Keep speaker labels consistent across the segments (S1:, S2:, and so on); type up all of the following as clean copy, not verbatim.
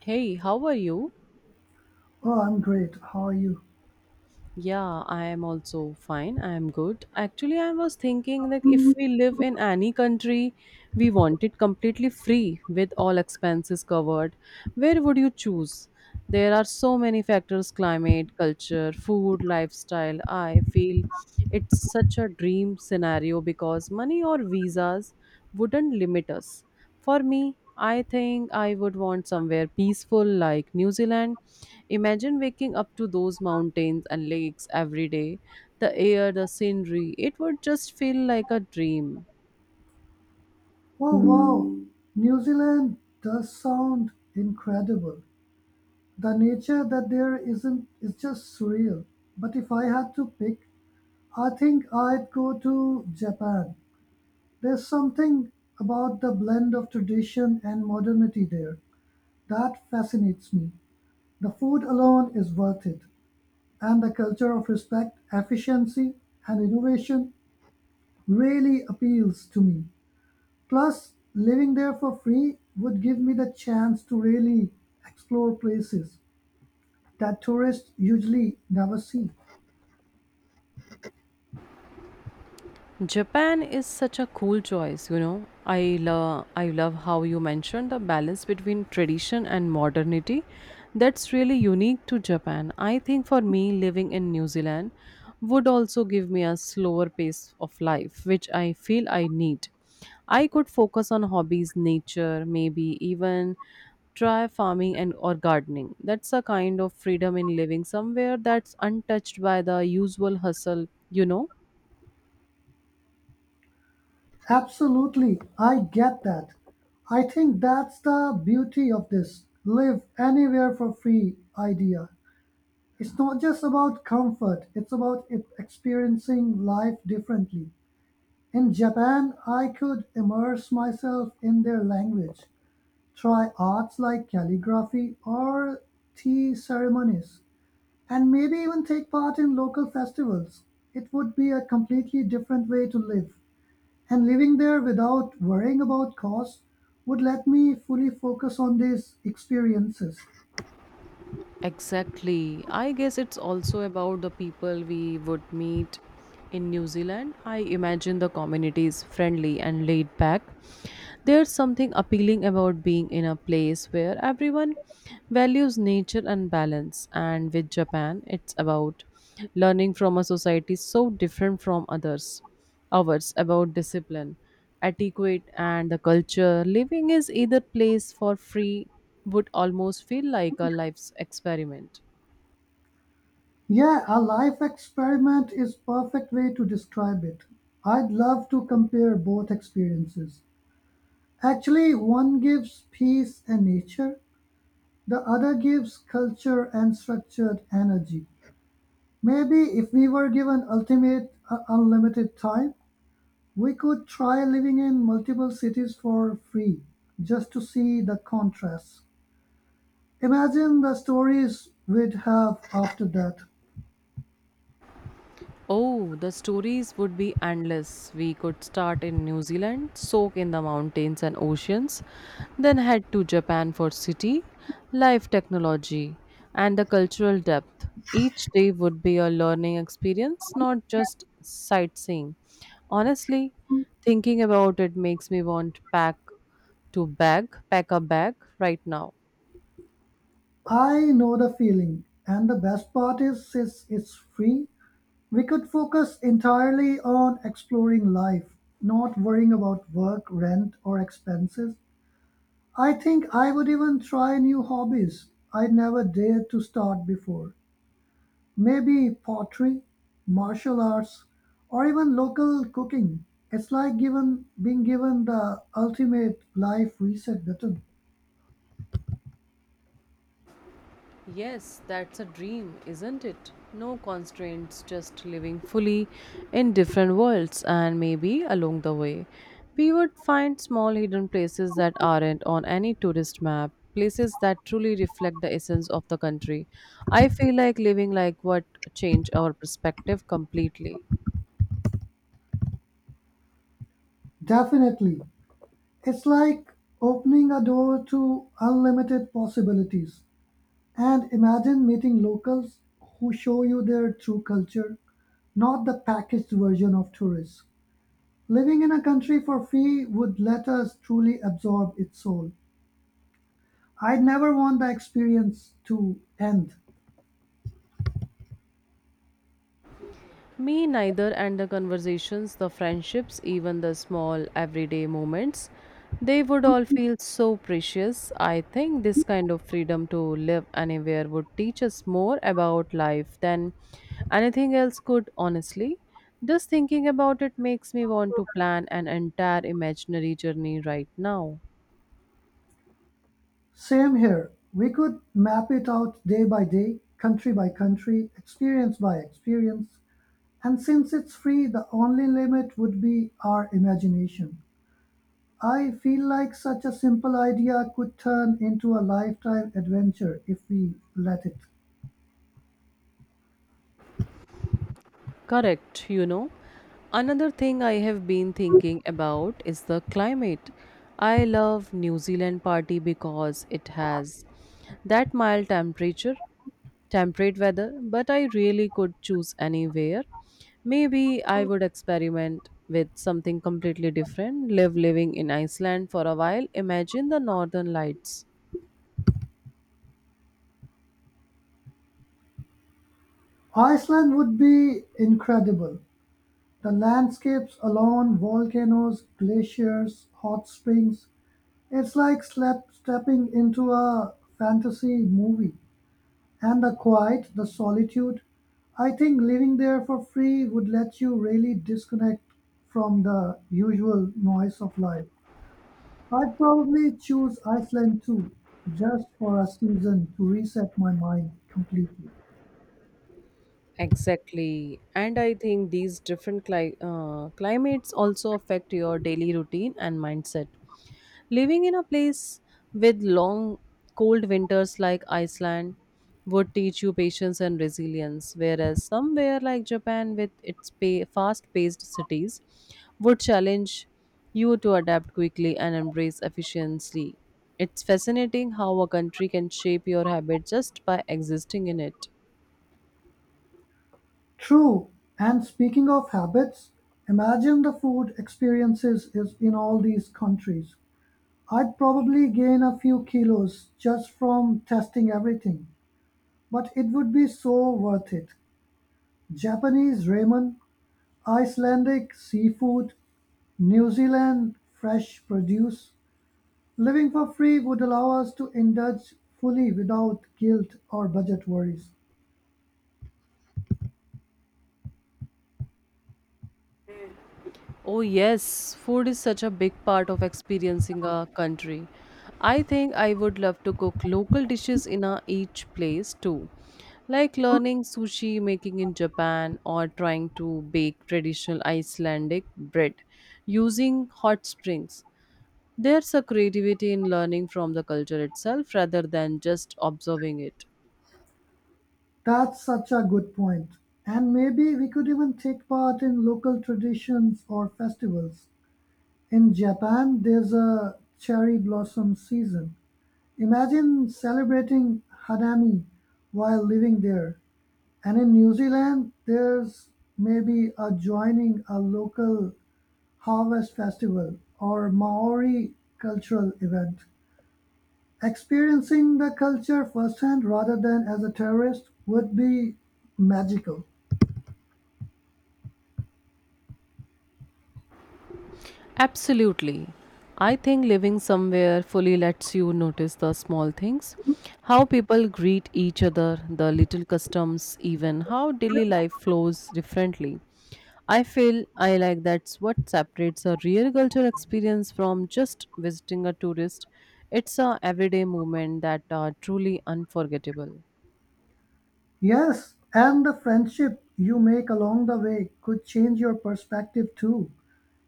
S1: Hey, how are you?
S2: Oh, I'm great. How are you?
S1: Yeah, I am also fine. I am good. Actually, I was thinking that if we live in any country, we want it completely free with all expenses covered. Where would you choose? There are so many factors: climate, culture, food, lifestyle. I feel it's such a dream scenario because money or visas wouldn't limit us. For me, I think I would want somewhere peaceful like New Zealand. Imagine waking up to those mountains and lakes every day. The air, the scenery, it would just feel like a dream.
S2: Oh, wow. New Zealand does sound incredible. The nature that there isn't is just surreal. But if I had to pick, I think I'd go to Japan. There's something about the blend of tradition and modernity there that fascinates me. The food alone is worth it, and the culture of respect, efficiency, and innovation really appeals to me. Plus, living there for free would give me the chance to really explore places that tourists usually never see.
S1: Japan is such a cool choice. I love how you mentioned the balance between tradition and modernity. That's really unique to Japan. I think for me living in New Zealand would also give me a slower pace of life, which I feel I need. I could focus on hobbies, nature, maybe even try farming and or gardening. That's a kind of freedom in living somewhere that's untouched by the usual hustle.
S2: Absolutely, I get that. I think that's the beauty of this live anywhere for free idea. It's not just about comfort, it's about experiencing life differently. In Japan, I could immerse myself in their language, try arts like calligraphy or tea ceremonies, and maybe even take part in local festivals. It would be a completely different way to live. And living there without worrying about costs would let me fully focus on these experiences.
S1: Exactly. I guess it's also about the people we would meet in New Zealand. I imagine the community is friendly and laid back. There's something appealing about being in a place where everyone values nature and balance. And with Japan, it's about learning from a society so different from others hours about discipline, etiquette, and the culture. Living is either place for free would almost feel like a life's experiment.
S2: Yeah, a life experiment is perfect way to describe it. I'd love to compare both experiences. Actually, one gives peace and nature, the other gives culture and structured energy. Maybe if we were given ultimate unlimited time, we could try living in multiple cities for free just to see the contrast. Imagine the stories we'd have after that.
S1: Oh, the stories would be endless. We could start in New Zealand, soak in the mountains and oceans, then head to Japan for city, life technology, and the cultural depth. Each day would be a learning experience, not just sightseeing. Honestly, thinking about it makes me want pack a bag right now.
S2: I know the feeling, and the best part is since it's free, we could focus entirely on exploring life, not worrying about work, rent, or expenses. I think I would even try new hobbies I never dared to start before. Maybe pottery, martial arts, or even local cooking. It's like given being given the ultimate life reset button.
S1: Yes, that's a dream, isn't it? No constraints, just living fully in different worlds, and maybe along the way, we would find small hidden places that aren't on any tourist map, places that truly reflect the essence of the country. I feel like living like what change our perspective completely.
S2: Definitely. It's like opening a door to unlimited possibilities. And imagine meeting locals who show you their true culture, not the packaged version of tourists. Living in a country for free would let us truly absorb its soul. I'd never want the experience to end.
S1: Me neither, and the conversations, the friendships, even the small everyday moments, they would all feel so precious. I think this kind of freedom to live anywhere would teach us more about life than anything else could, honestly. Just thinking about it makes me want to plan an entire imaginary journey right now.
S2: Same here. We could map it out day by day, country by country, experience by experience. And since it's free, the only limit would be our imagination. I feel like such a simple idea could turn into a lifetime adventure if we let it.
S1: Correct. Another thing I have been thinking about is the climate. I love New Zealand party because it has that mild temperature, temperate weather, but I really could choose anywhere. Maybe I would experiment with something completely different, live living in Iceland for a while, imagine the northern lights.
S2: Iceland would be incredible. The landscapes alone, volcanoes, glaciers, hot springs, it's like slap stepping into a fantasy movie. And the quiet, the solitude, I think living there for free would let you really disconnect from the usual noise of life. I'd probably choose Iceland too, just for a season to reset my mind completely.
S1: Exactly. And I think these different climates also affect your daily routine and mindset. Living in a place with long, cold winters like Iceland would teach you patience and resilience, whereas somewhere like Japan with its fast paced cities would challenge you to adapt quickly and embrace efficiency. It's fascinating how a country can shape your habit just by existing in it.
S2: True, and speaking of habits, imagine the food experiences is in all these countries. I'd probably gain a few kilos just from testing everything, but it would be so worth it. Japanese ramen, Icelandic seafood, New Zealand fresh produce. Living for free would allow us to indulge fully without guilt or budget worries.
S1: Oh, yes, food is such a big part of experiencing a country. I think I would love to cook local dishes in each place too, like learning sushi making in Japan or trying to bake traditional Icelandic bread using hot springs. There's a creativity in learning from the culture itself rather than just observing it.
S2: That's such a good point. And maybe we could even take part in local traditions or festivals. In Japan, there's a cherry blossom season. Imagine celebrating Hadami while living there. And in New Zealand, there's maybe a joining a local harvest festival or Maori cultural event. Experiencing the culture firsthand rather than as a tourist would be magical.
S1: Absolutely. I think living somewhere fully lets you notice the small things, how people greet each other, the little customs, even how daily life flows differently. I feel I like that's what separates a real cultural experience from just visiting a tourist. It's a everyday moment that are truly unforgettable.
S2: Yes, and the friendship you make along the way could change your perspective too.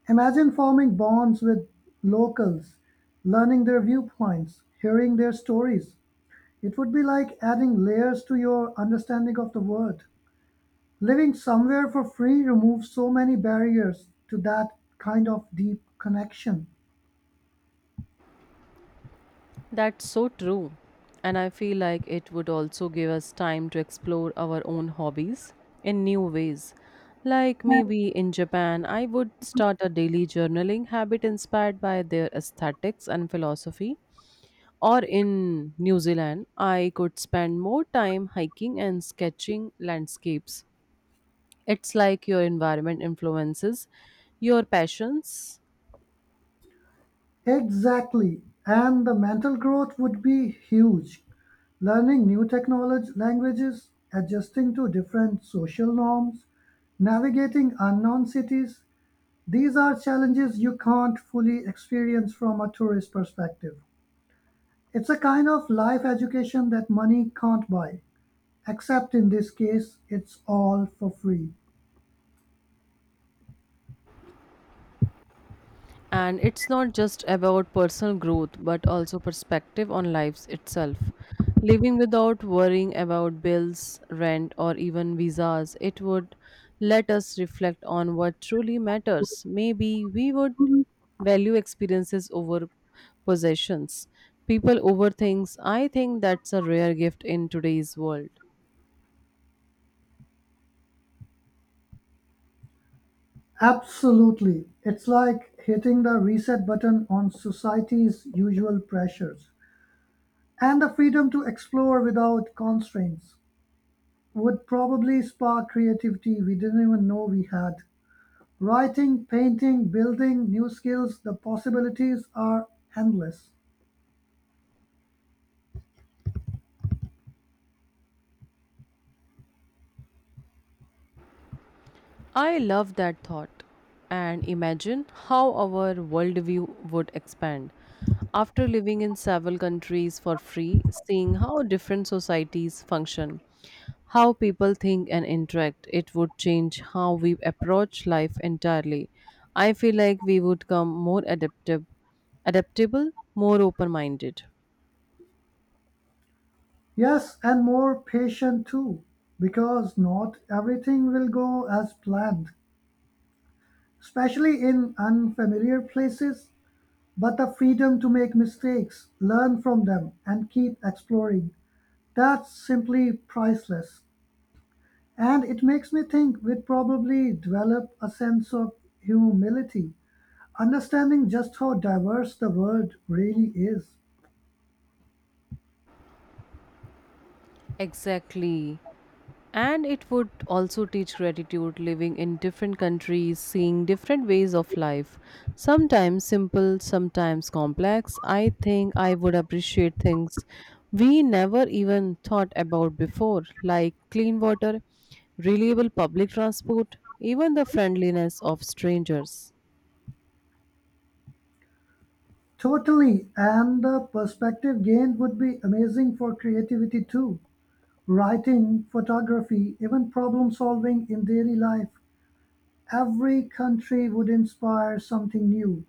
S2: Imagine forming bonds with locals, learning their viewpoints, hearing their stories. It would be like adding layers to your understanding of the world. Living somewhere for free removes so many barriers to that kind of deep connection.
S1: That's so true. And I feel like it would also give us time to explore our own hobbies in new ways. Like maybe in Japan, I would start a daily journaling habit inspired by their aesthetics and philosophy. Or in New Zealand, I could spend more time hiking and sketching landscapes. It's like your environment influences your passions.
S2: Exactly, and the mental growth would be huge. Learning new technology languages, adjusting to different social norms, navigating unknown cities, these are challenges you can't fully experience from a tourist perspective. It's a kind of life education that money can't buy, except in this case, it's all for free.
S1: And it's not just about personal growth, but also perspective on life itself. Living without worrying about bills, rent, or even visas, it would let us reflect on what truly matters. Maybe we would value experiences over possessions. People over things. I think that's a rare gift in today's world.
S2: Absolutely. It's like hitting the reset button on society's usual pressures. And the freedom to explore without constraints would probably spark creativity we didn't even know we had. Writing, painting, building new skills, the possibilities are endless.
S1: I love that thought. And imagine how our worldview would expand. After living in several countries for free, seeing how different societies function, how people think and interact, it would change how we approach life entirely. I feel like we would become more adaptable, more open minded.
S2: Yes, and more patient too, because not everything will go as planned, especially in unfamiliar places. But the freedom to make mistakes, learn from them, and keep exploring, that's simply priceless. And it makes me think we'd probably develop a sense of humility, understanding just how diverse the world really is.
S1: Exactly. And it would also teach gratitude, living in different countries, seeing different ways of life, sometimes simple, sometimes complex. I think I would appreciate things we never even thought about before, like clean water, reliable public transport, even the friendliness of strangers.
S2: Totally, and the perspective gained would be amazing for creativity too. Writing, photography, even problem solving in daily life. Every country would inspire something new.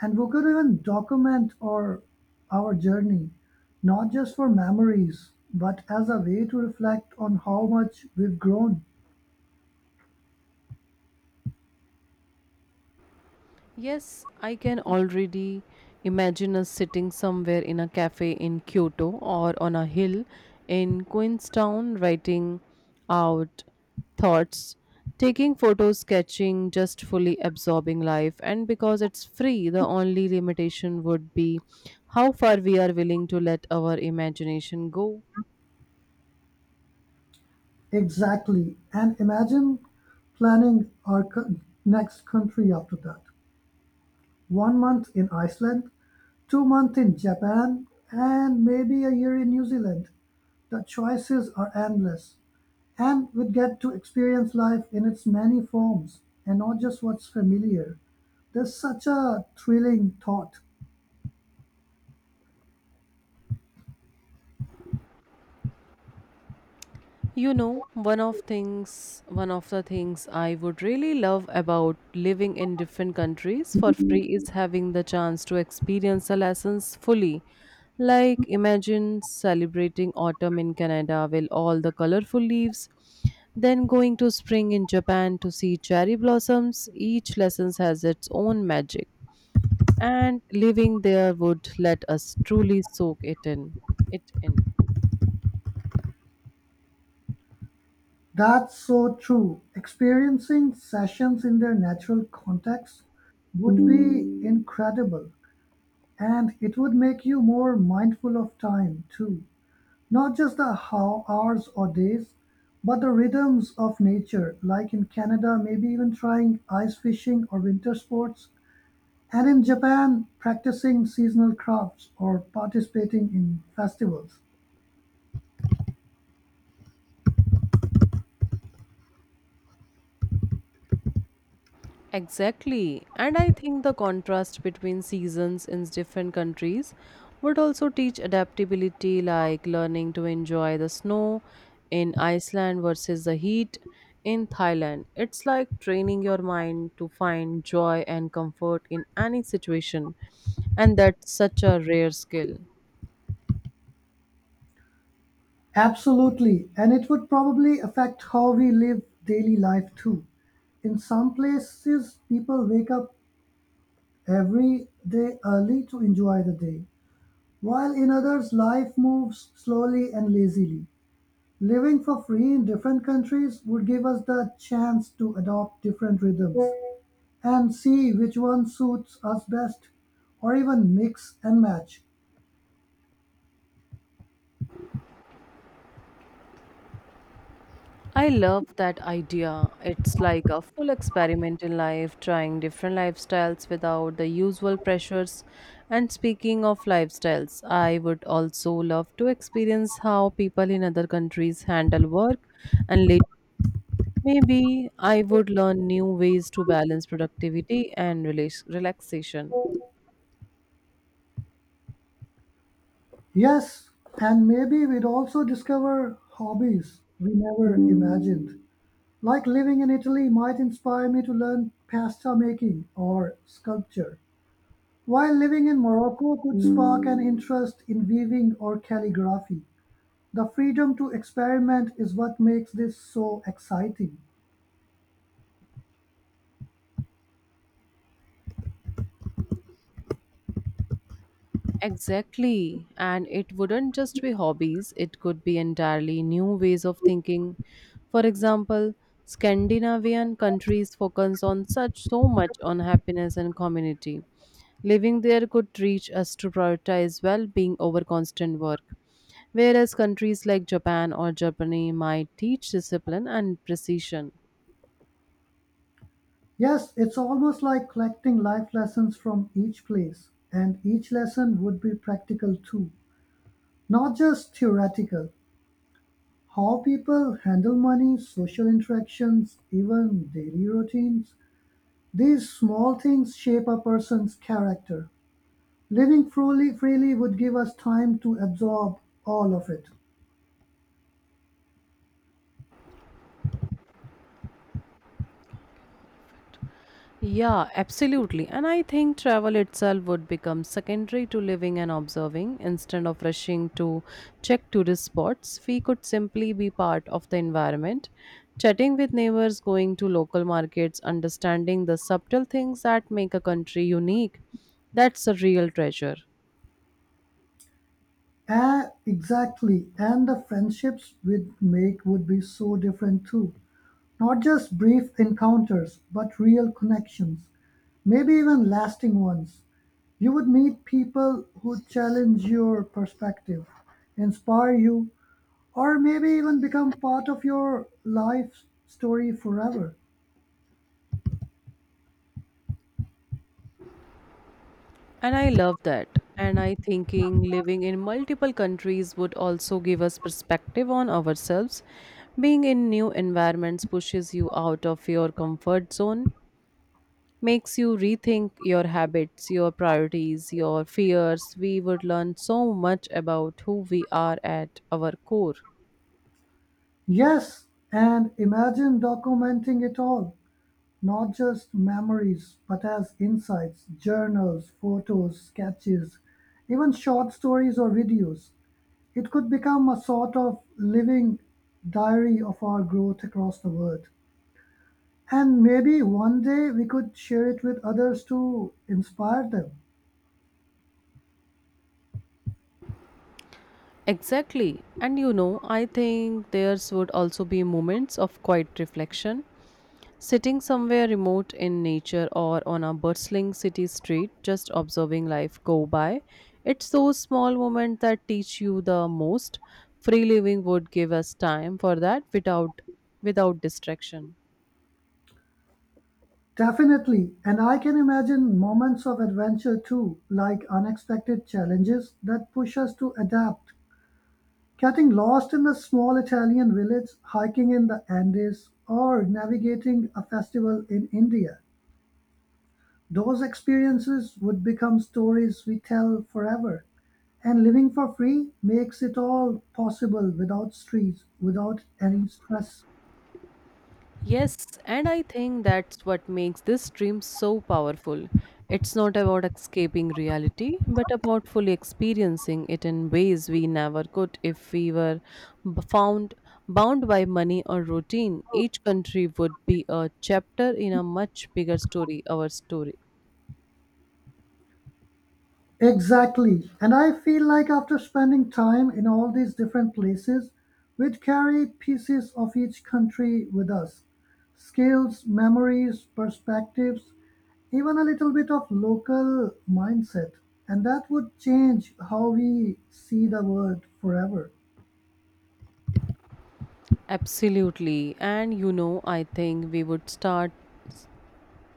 S2: And we could even document our journey, not just for memories, but as a way to reflect on how much we've grown.
S1: Yes, I can already imagine us sitting somewhere in a cafe in Kyoto or on a hill in Queenstown, writing out thoughts, taking photos, sketching, just fully absorbing life. And because it's free, the only limitation would be how far we are willing to let our imagination go.
S2: Exactly. And imagine planning next country after that. 1 month in Iceland, 2 months in Japan, and maybe a year in New Zealand. The choices are endless, and we get to experience life in its many forms and not just what's familiar. There's such a thrilling thought.
S1: One of the things I would really love about living in different countries for free is having the chance to experience the lessons fully. Like imagine celebrating autumn in Canada with all the colorful leaves, then going to spring in Japan to see cherry blossoms. Each lesson has its own magic, and living there would let us truly soak it in. It in.
S2: That's so true. Experiencing sessions in their natural context would be incredible, and it would make you more mindful of time too. Not just the how hours or days, but the rhythms of nature, like in Canada, maybe even trying ice fishing or winter sports. And in Japan, practicing seasonal crafts or participating in festivals.
S1: Exactly. And I think the contrast between seasons in different countries would also teach adaptability, like learning to enjoy the snow in Iceland versus the heat in Thailand. It's like training your mind to find joy and comfort in any situation. And that's such a rare skill.
S2: Absolutely. And it would probably affect how we live daily life too. In some places, people wake up every day early to enjoy the day, while in others, life moves slowly and lazily. Living for free in different countries would give us the chance to adopt different rhythms and see which one suits us best or even mix and match.
S1: I love that idea. It's like a full experiment in life, trying different lifestyles without the usual pressures. And speaking of lifestyles, I would also love to experience how people in other countries handle work and later maybe I would learn new ways to balance productivity and relaxation.
S2: Yes, and maybe we'd also discover hobbies we never imagined. Like living in Italy might inspire me to learn pasta making or sculpture, while living in Morocco could spark an interest in weaving or calligraphy. The freedom to experiment is what makes this so exciting.
S1: Exactly. And it wouldn't just be hobbies, it could be entirely new ways of thinking. For example, Scandinavian countries focus on such so much on happiness and community. Living there could teach us to prioritize well being over constant work. Whereas countries like Japan or Germany might teach discipline and precision.
S2: Yes, it's almost like collecting life lessons from each place, and each lesson would be practical too, not just theoretical. How people handle money, social interactions, even daily routines. These small things shape a person's character. Living freely would give us time to absorb all of it.
S1: Yeah, absolutely. And I think travel itself would become secondary to living and observing. Instead of rushing to check tourist spots, we could simply be part of the environment, chatting with neighbors, going to local markets, understanding the subtle things that make a country unique. That's a real treasure.
S2: Ah, exactly. And the friendships we'd make would be so different too. Not just brief encounters, but real connections. Maybe even lasting ones. You would meet people who challenge your perspective, inspire you, or maybe even become part of your life story forever.
S1: And I love that. And I thinking living in multiple countries would also give us perspective on ourselves. Being in new environments pushes you out of your comfort zone, makes you rethink your habits, your priorities, your fears. We would learn so much about who we are at our core.
S2: Yes, and imagine documenting it all, not just memories, but as insights, journals, photos, sketches, even short stories or videos. It could become a sort of living diary of our growth across the world. And maybe one day we could share it with others to inspire them.
S1: Exactly. And you know, I think theirs would also be moments of quiet reflection. Sitting somewhere remote in nature or on a bustling city street, just observing life go by, it's those small moments that teach you the most. Free living would give us time for that without distraction.
S2: Definitely, and I can imagine moments of adventure too, like unexpected challenges that push us to adapt. Getting lost in a small Italian village, hiking in the Andes, or navigating a festival in India. Those experiences would become stories we tell forever. And living for free makes it all possible without any stress.
S1: Yes, and I think that's what makes this dream so powerful. It's not about escaping reality, but about fully experiencing it in ways we never could if we were b- found bound by money or routine. Each country would be a chapter in a much bigger story, our story.
S2: Exactly. And I feel like after spending time in all these different places, we'd carry pieces of each country with us skills, memories, perspectives, even a little bit of local mindset. And that would change how we see the world forever.
S1: Absolutely. And you know, I think we would start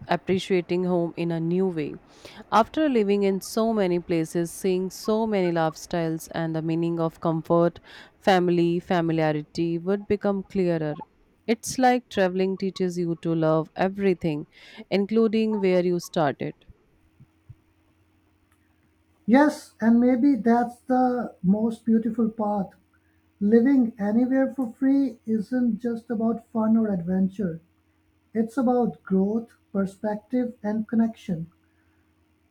S1: appreciating home in a new way. After living in so many places, seeing so many lifestyles, and the meaning of comfort, family, familiarity would become clearer. It's like traveling teaches you to love everything, including where you started.
S2: Yes, and maybe that's the most beautiful part. Living anywhere for free isn't just about fun or adventure. It's about growth, perspective, and connection.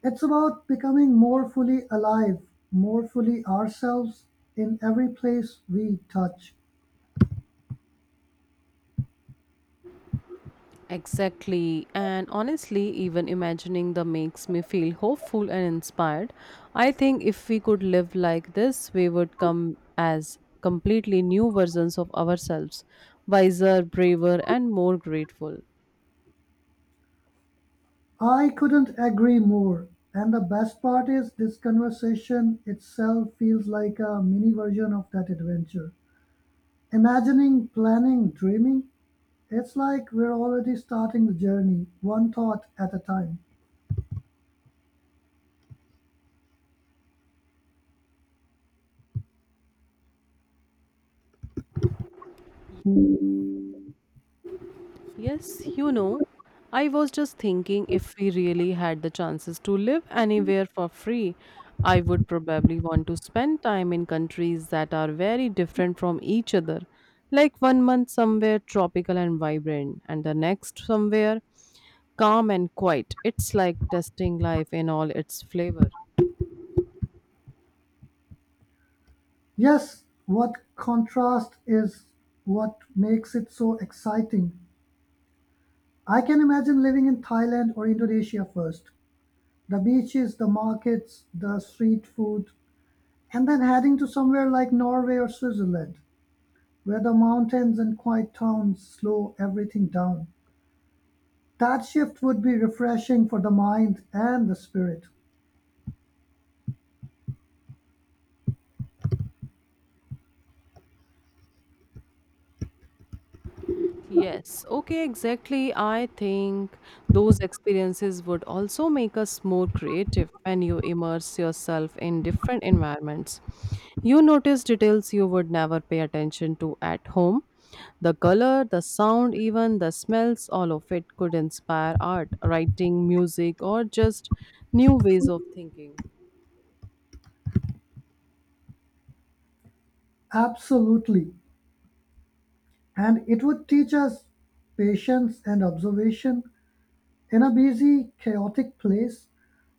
S2: It's about becoming more fully alive, more fully ourselves in every place we touch.
S1: Exactly, and honestly, even imagining the makes me feel hopeful and inspired. I think if we could live like this, we would come as completely new versions of ourselves, wiser, braver, and more grateful.
S2: I couldn't agree more. And the best part is, this conversation itself feels like a mini version of that adventure. Imagining, planning, dreaming, it's like we're already starting the journey, one thought at a time.
S1: Yes, I was just thinking if we really had the chances to live anywhere for free, I would probably want to spend time in countries that are very different from each other. Like one month somewhere tropical and vibrant, and the next somewhere calm and quiet. It's like testing life in all its flavor.
S2: Yes, what contrast is what makes it so exciting. I can imagine living in Thailand or Indonesia first. The beaches, the markets, the street food, and then heading to somewhere like Norway or Switzerland, where the mountains and quiet towns slow everything down. That shift would be refreshing for the mind and the spirit.
S1: Yes, okay, exactly. I think those experiences would also make us more creative when you immerse yourself in different environments. You notice details you would never pay attention to at home. The color, the sound, even the smells, all of it could inspire art, writing, music, or just new ways of thinking.
S2: Absolutely. And it would teach us patience and observation. In a busy, chaotic place,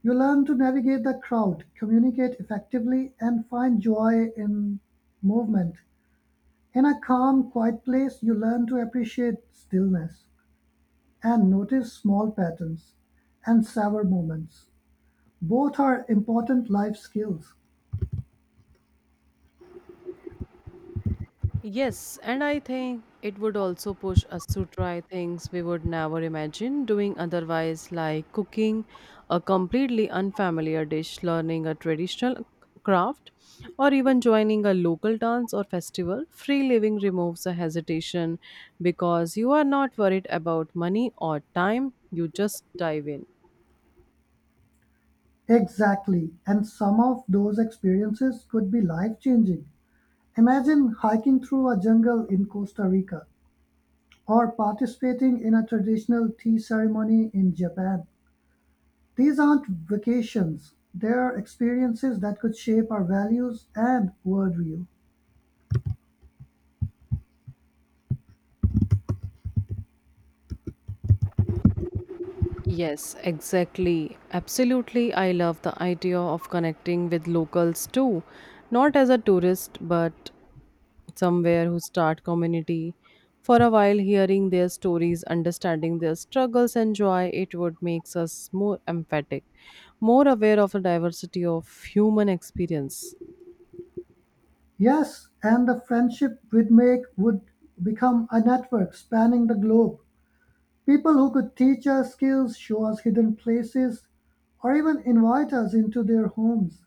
S2: you learn to navigate the crowd, communicate effectively, and find joy in movement. In a calm, quiet place, you learn to appreciate stillness and notice small patterns and savor moments. Both are important life skills.
S1: Yes, and I think it would also push us to try things we would never imagine doing otherwise, like cooking a completely unfamiliar dish, learning a traditional craft, or even joining a local dance or festival. Free living removes the hesitation because you are not worried about money or time, you just dive in.
S2: Exactly, and some of those experiences could be life changing. Imagine hiking through a jungle in Costa Rica or participating in a traditional tea ceremony in Japan. These aren't vacations, they're experiences that could shape our values and worldview.
S1: Yes, exactly. Absolutely. I love the idea of connecting with locals too, not as a tourist, but somewhere who start community for a while, hearing their stories, understanding their struggles and joy. It would makes us more emphatic, more aware of the diversity of human experience.
S2: Yes, and the friendship we'd make would become a network spanning the globe. People who could teach us skills, show us hidden places, or even invite us into their homes.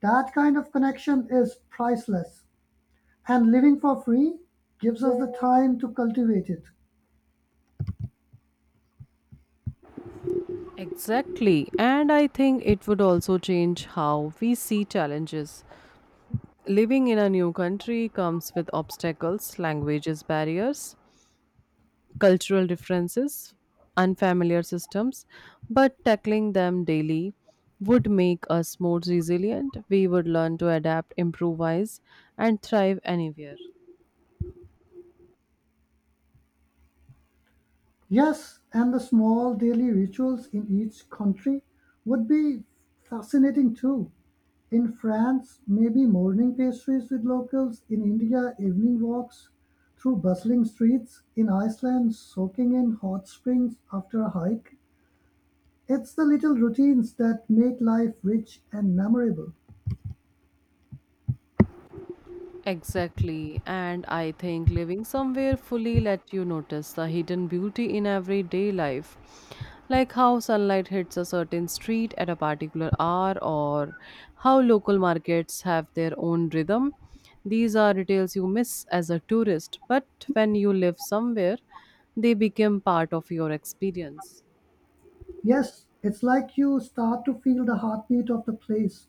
S2: That kind of connection is priceless, and living for free gives us the time to cultivate it.
S1: Exactly, and I think it would also change how we see challenges. Living in a new country comes with obstacles, languages barriers, cultural differences, unfamiliar systems, but tackling them daily would make us more resilient. We would learn to adapt, improvise, and thrive anywhere.
S2: Yes, and the small daily rituals in each country would be fascinating too. In France, maybe morning pastries with locals, in India, evening walks through bustling streets, in Iceland, soaking in hot springs after a hike. It's the little routines that make life rich and memorable.
S1: Exactly, and I think living somewhere fully let you notice the hidden beauty in everyday life, like how sunlight hits a certain street at a particular hour, or how local markets have their own rhythm. These are details you miss as a tourist, but when you live somewhere, they become part of your experience.
S2: Yes, it's like you start to feel the heartbeat of the place,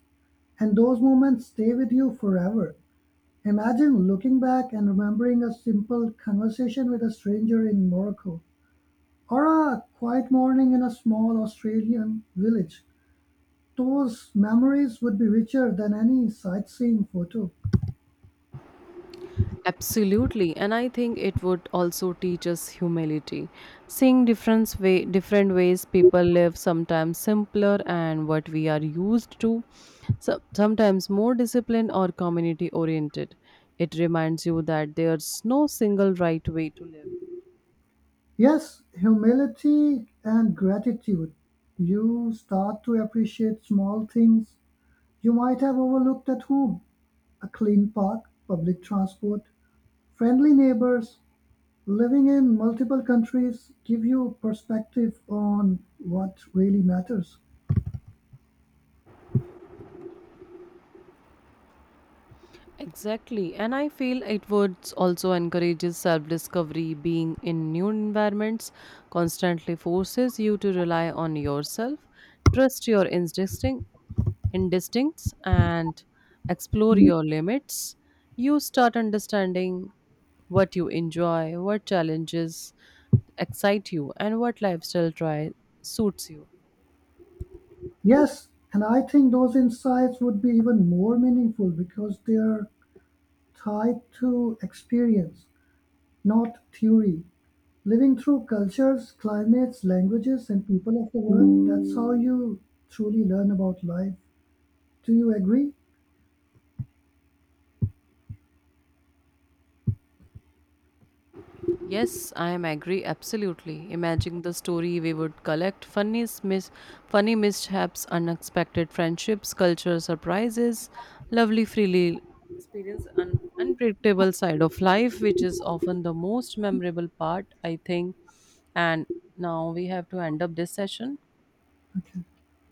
S2: and those moments stay with you forever. Imagine looking back and remembering a simple conversation with a stranger in Morocco, or a quiet morning in a small Australian village. Those memories would be richer than any sightseeing photo.
S1: Absolutely, and I think it would also teach us humility. Seeing different ways people live, sometimes simpler and what we are used to, so, sometimes more disciplined or community oriented. It reminds you that there's no single right way to live.
S2: Yes, humility and gratitude. You start to appreciate small things you might have overlooked at home a clean park, public transport, friendly neighbors, living in multiple countries give you perspective on what really matters.
S1: Exactly, and I feel it would also encourages self discovery. Being in new environments constantly forces you to rely on yourself, trust your instincts and explore your limits, you start understanding what you enjoy, what challenges excite you, and what lifestyle try suits you.
S2: Yes, and I think those insights would be even more meaningful because they're tied to experience, not theory. Living through cultures, climates, languages, and people of the world, that's how you truly learn about life. Do you agree?
S1: Yes, I am agree absolutely. Imagine the story we would collect, funny mishaps, unexpected friendships, cultural surprises, lovely freely experience an unpredictable side of life, which is often the most memorable part, I think. And now we have to end up this session.
S2: Okay.